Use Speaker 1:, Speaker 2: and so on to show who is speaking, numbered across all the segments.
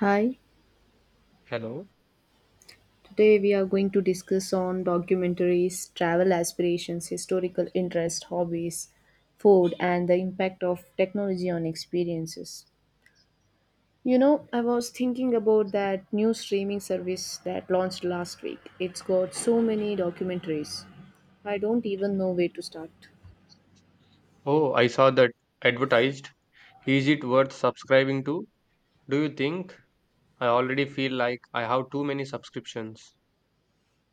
Speaker 1: Hi,
Speaker 2: Hello.
Speaker 1: today we are going to discuss on documentaries, travel aspirations, historical interest, hobbies, food, and the impact of technology on experiences. You know, I was thinking about that new streaming service that launched last week. It's got so many documentaries. I don't even know where to start.
Speaker 2: Oh, I saw that advertised. Is it worth subscribing to? Do you think? I already feel like I have too many subscriptions.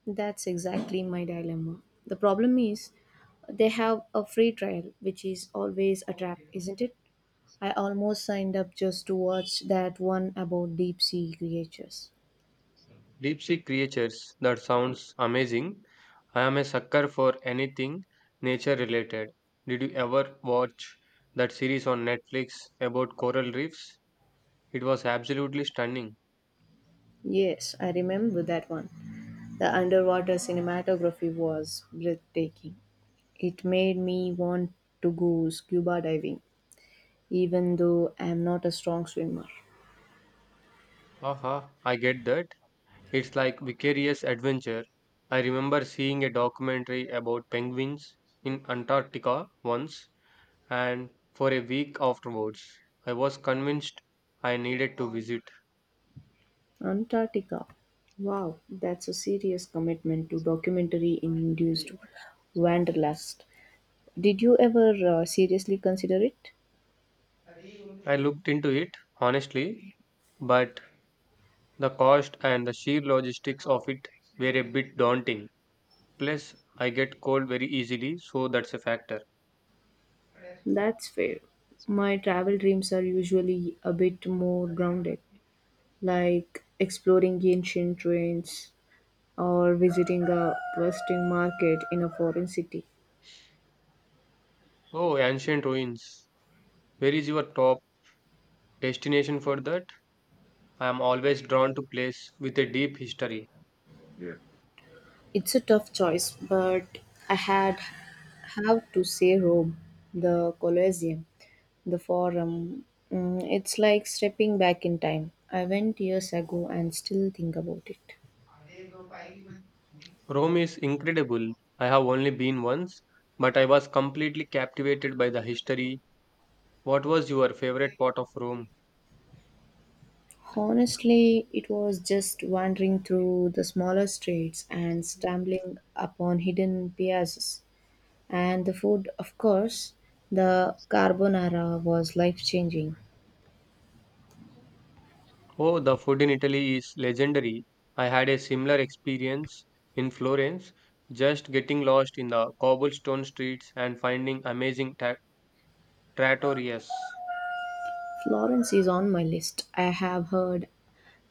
Speaker 1: That's exactly my dilemma. The problem is they have a free trial, which is always a trap, isn't it? I almost signed up just to watch that one about deep sea creatures.
Speaker 2: Deep sea creatures. That sounds amazing. I am a sucker for anything nature related. Did you ever watch that series on Netflix about coral reefs? It was absolutely stunning.
Speaker 1: Yes, I remember that one. The underwater cinematography was breathtaking. It made me want to go scuba diving, even though I am not a strong swimmer.
Speaker 2: Haha, I get that. It's like vicarious adventure. I remember seeing a documentary about penguins in Antarctica once and for a week afterwards, I was convinced I needed to visit.
Speaker 1: Antarctica. Wow, that's a serious commitment to documentary induced wanderlust. Did you ever seriously consider it?
Speaker 2: I looked into it honestly, but the cost and the sheer logistics of it were a bit daunting. Plus, I get cold very easily, so that's a factor.
Speaker 1: That's fair. My travel dreams are usually a bit more grounded, like exploring ancient ruins or visiting a bustling market in a foreign city.
Speaker 2: Oh, ancient ruins. Where is your top destination for that? I am always drawn to place with a deep history. Yeah.
Speaker 1: It's a tough choice, but I had have to say Rome, the Colosseum, the Forum. Mm, it's like stepping back in time. I went years ago and still think about it.
Speaker 2: Rome is incredible. I have only been once, but I was completely captivated by the history. What was your favorite part of Rome?
Speaker 1: Honestly, it was just wandering through the smaller streets and stumbling upon hidden piazzas. And the food, of course, the carbonara was life changing.
Speaker 2: Oh, the food in Italy is legendary. I had a similar experience in Florence, just getting lost in the cobblestone streets and finding amazing trattorias.
Speaker 1: Florence is on my list. I have heard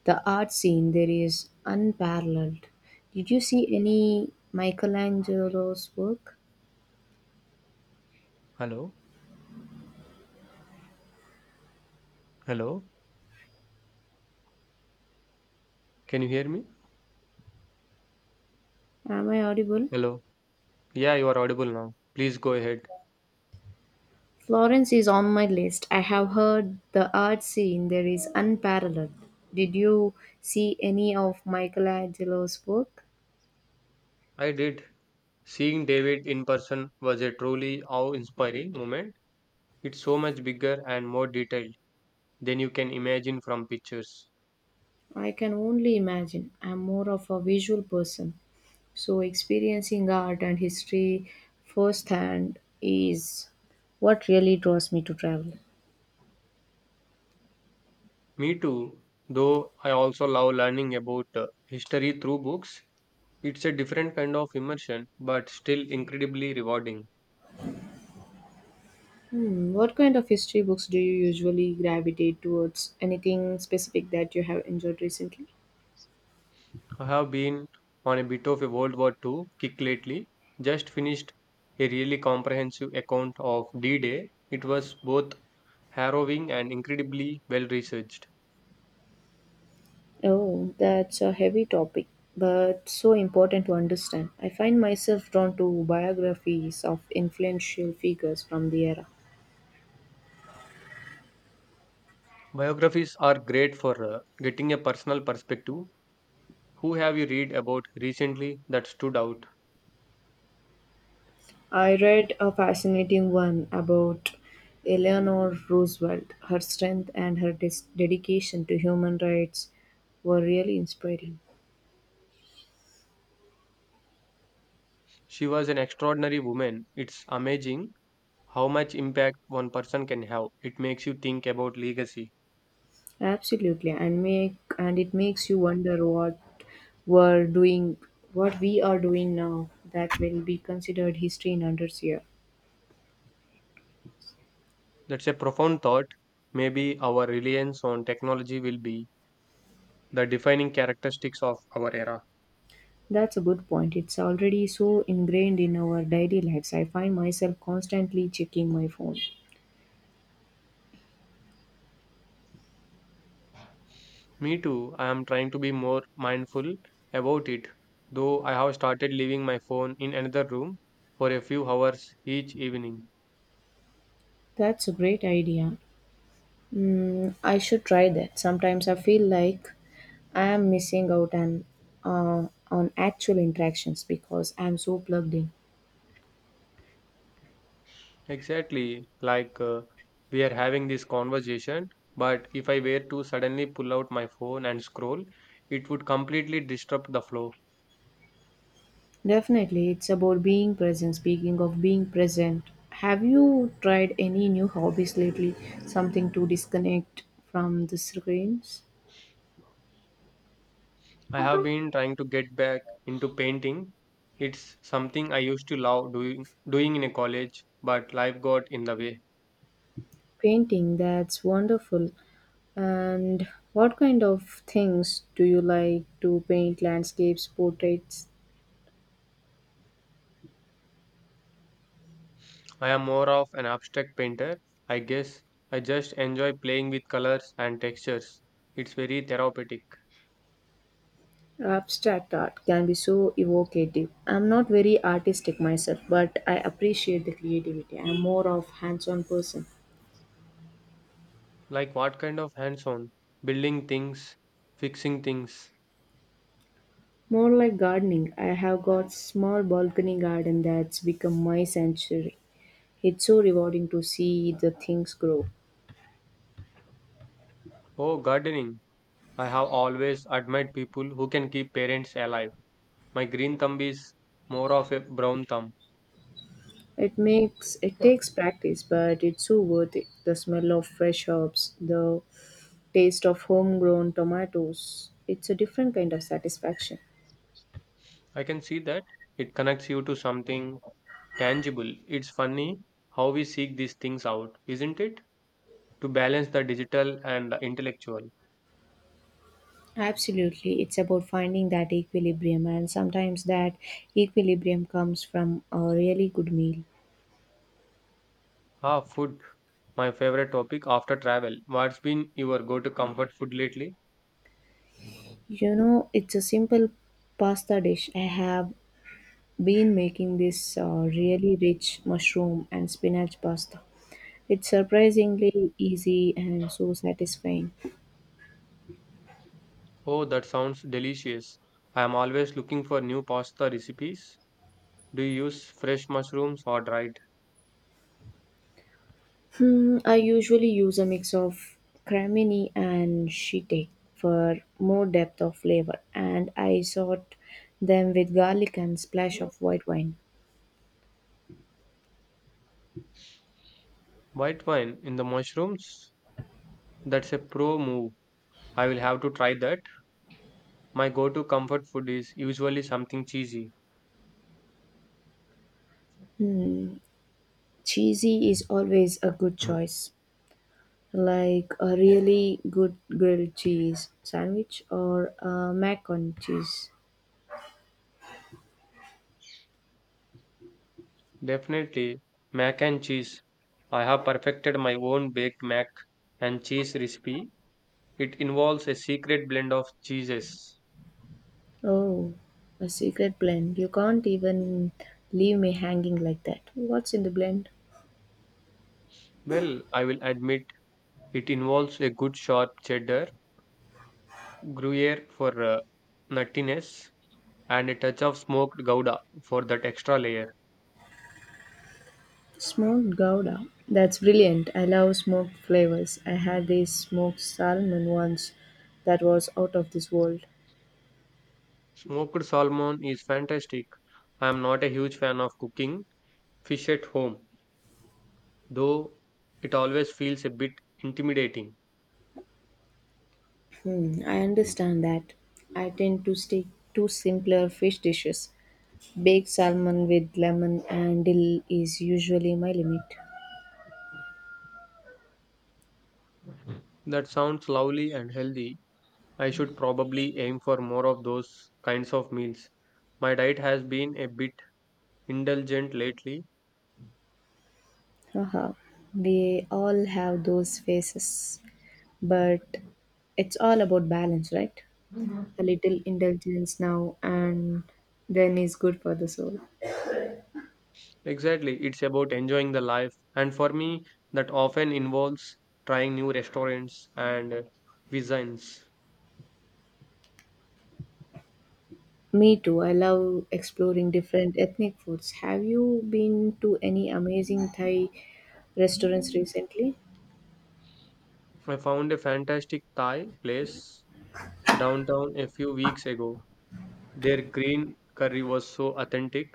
Speaker 1: the art scene there is unparalleled. Did you see any Michelangelo's work?
Speaker 2: Hello? Hello? Can you hear me?
Speaker 1: Am I audible?
Speaker 2: Hello? Yeah, you are audible now. Please go ahead.
Speaker 1: Florence is on my list. I have heard the art scene there is unparalleled. Did you see any of Michelangelo's work?
Speaker 2: I did. Seeing David in person was a truly awe-inspiring moment. It's so much bigger and more detailed than you can imagine from pictures.
Speaker 1: I can only imagine. I'm more of a visual person, so experiencing art and history firsthand is what really draws me to travel.
Speaker 2: Me too, though I also love learning about history through books. It's a different kind of immersion, but still incredibly rewarding.
Speaker 1: Hmm, what kind of history books do you usually gravitate towards? Anything specific that you have enjoyed recently?
Speaker 2: I have been on a bit of a World War II kick lately, just finished a really comprehensive account of D-Day. It was both harrowing and incredibly well researched.
Speaker 1: Oh, that's a heavy topic, but so important to understand. I find myself drawn to biographies of influential figures from the era.
Speaker 2: Biographies are great for getting a personal perspective. Who have you read about recently that stood out?
Speaker 1: I read a fascinating one about Eleanor Roosevelt. Her strength and her dedication to human rights were really inspiring.
Speaker 2: She was an extraordinary woman. It's amazing how much impact one person can have. It makes you think about legacy.
Speaker 1: Absolutely, and it makes you wonder we're doing, what we are doing now that will be considered history in hundreds years.
Speaker 2: That's a profound thought. Maybe our reliance on technology will be the defining characteristics of our era.
Speaker 1: That's a good point. It's already so ingrained in our daily lives. I find myself constantly checking my phone.
Speaker 2: Me too, I am trying to be more mindful about it, though I have started leaving my phone in another room for a few hours each evening.
Speaker 1: That's a great idea. Mm, I should try that. Sometimes I feel like I am missing out on actual interactions because I'm so plugged in.
Speaker 2: Exactly, like we are having this conversation, but if I were to suddenly pull out my phone and scroll, it would completely disrupt the flow.
Speaker 1: Definitely, it's about being present. Speaking of being present, have you tried any new hobbies lately? Something to disconnect from the screens?
Speaker 2: I have been trying to get back into painting. It's something I used to love doing in a college, but life got in the way.
Speaker 1: Painting, that's wonderful. And what kind of things do you like to paint? Landscapes, portraits,
Speaker 2: I am more of an abstract painter, I guess. I just enjoy playing with colors and textures. It's very therapeutic.
Speaker 1: abstract art can be so evocative. I'm not very artistic myself, but I appreciate the creativity. I'm more of hands-on person.
Speaker 2: Like what kind of hands-on? Building things, fixing things.
Speaker 1: More like gardening. I have got small balcony garden that's become my sanctuary. It's so rewarding to see the things grow.
Speaker 2: Oh, gardening. I have always admired people who can keep parents alive. My green thumb is more of a brown thumb.
Speaker 1: It makes it takes practice, but it's so worth it. The smell of fresh herbs, the taste of homegrown tomatoes. It's a different kind of satisfaction.
Speaker 2: I can see that it connects you to something tangible. It's funny how we seek these things out, isn't it? To balance the digital and the intellectual.
Speaker 1: Absolutely. It's about finding that equilibrium, and sometimes that equilibrium comes from a really good meal.
Speaker 2: Ah, food, my favorite topic after travel. What's been your go to comfort food lately?
Speaker 1: You know, it's a simple pasta dish. I have been making this really rich mushroom and spinach pasta. It's surprisingly easy and so satisfying.
Speaker 2: Oh, that sounds delicious. I am always looking for new pasta recipes. Do you use fresh mushrooms or dried?
Speaker 1: Hmm, I usually use a mix of cremini and shiitake for more depth of flavor, and I sort them with garlic and splash of white wine.
Speaker 2: White wine in the mushrooms? That's a pro move. I will have to try that. My go to comfort food is usually something cheesy.
Speaker 1: Cheesy is always a good choice, like a really good grilled cheese sandwich or a mac on cheese.
Speaker 2: Definitely, mac and cheese. I have perfected my own baked mac and cheese recipe. It involves a secret blend of cheeses.
Speaker 1: Oh, a secret blend. You can't even leave me hanging like that. What's in the blend?
Speaker 2: Well, I will admit it involves a good sharp cheddar, Gruyere for nuttiness, and a touch of smoked gouda for that extra layer.
Speaker 1: Smoked Gouda. That's brilliant. I love smoked flavors. I had this smoked salmon once that was out of this world.
Speaker 2: Smoked salmon is fantastic. I am not a huge fan of cooking fish at home, though it always feels a bit intimidating.
Speaker 1: Hmm, I understand that. I tend to stick to simpler fish dishes. Baked salmon with lemon and dill is usually my limit.
Speaker 2: That sounds lovely and healthy. I should probably aim for more of those kinds of meals. My diet has been a bit indulgent lately.
Speaker 1: Haha, we all have those faces, but it's all about balance, right? A little indulgence now and then is good for the soul.
Speaker 2: Exactly, it's about enjoying the life, and for me, that often involves trying new restaurants and cuisines.
Speaker 1: Me too. I love exploring different ethnic foods. Have you been to any amazing Thai restaurants recently?
Speaker 2: I found a fantastic Thai place downtown a few weeks ago. Their green curry was so authentic,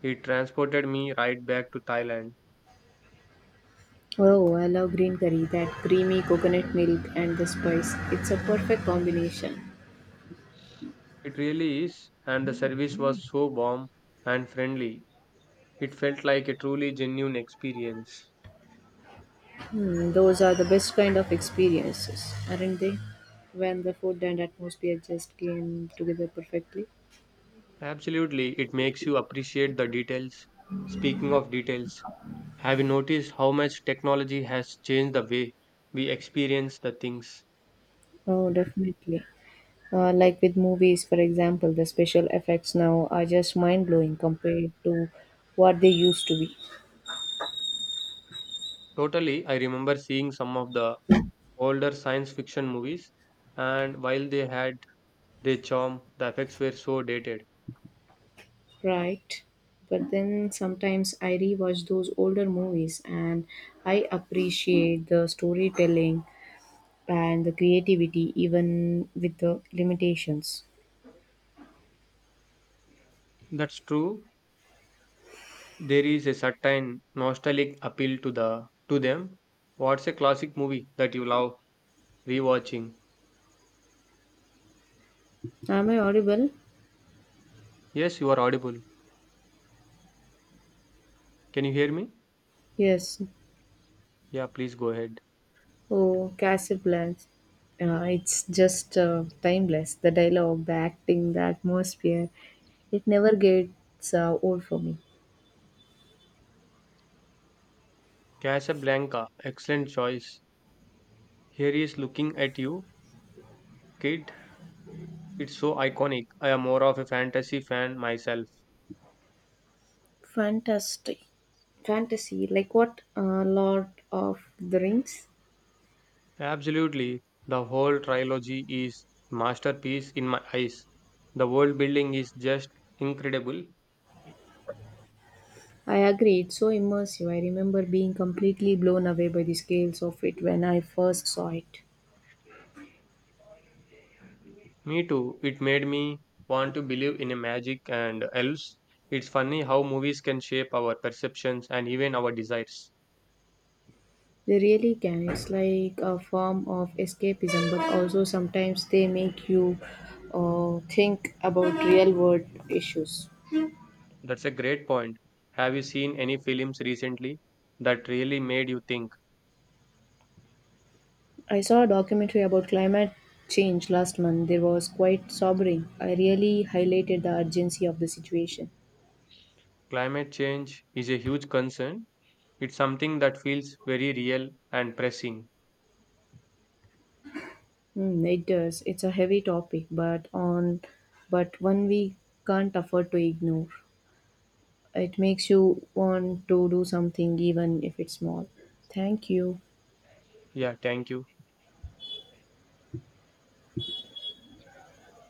Speaker 2: it transported me right back to Thailand.
Speaker 1: Oh, I love green curry, that creamy coconut milk and the spice. It's a perfect combination.
Speaker 2: It really is, and the service was so warm and friendly. It felt like a truly genuine experience.
Speaker 1: Hmm, those are the best kind of experiences, aren't they? When the food and atmosphere just came together perfectly.
Speaker 2: Absolutely, it makes you appreciate the details. Speaking of details, have you noticed how much technology has changed the way we experience the things?
Speaker 1: Oh, definitely. Like with movies, for example, the special effects now are just mind blowing compared to what they used to be.
Speaker 2: Totally, I remember seeing some of the older science fiction movies, and while they had their charm, the effects were so dated.
Speaker 1: Right. But then sometimes I rewatch those older movies and I appreciate the storytelling and the creativity even with the limitations.
Speaker 2: That's true. There is a certain nostalgic appeal to them. What's a classic movie that you love rewatching?
Speaker 1: Am I audible?
Speaker 2: Yes, you are audible. Can you hear me?
Speaker 1: Yes.
Speaker 2: Yeah, please go ahead.
Speaker 1: Oh, Casablanca. It's just timeless. The dialogue, the acting, the atmosphere. It never gets old for me.
Speaker 2: Casablanca, excellent choice. Here he is looking at you, kid. It's so iconic. I am more of a fantasy fan myself.
Speaker 1: Fantastic. Fantasy, like what? Lord of the Rings?
Speaker 2: Absolutely. The whole trilogy is masterpiece in my eyes. The world building is just incredible.
Speaker 1: I agree, it's so immersive. I remember being completely blown away by the scales of it when I first saw it.
Speaker 2: Me too. It made me want to believe in a magic and elves. It's funny how movies can shape our perceptions and even our desires.
Speaker 1: They really can. It's like a form of escapism, but also sometimes they make you think about real world issues.
Speaker 2: That's a great point. Have you seen any films recently that really made you think?
Speaker 1: I saw a documentary about climate change last month. They was quite sobering. I really highlighted the urgency of the situation.
Speaker 2: Climate change is a huge concern. It's something that feels very real and pressing.
Speaker 1: Mm, it does. It's a heavy topic, but on but one we can't afford to ignore. It makes you want to do something even if it's small. Thank you.
Speaker 2: Yeah, thank you.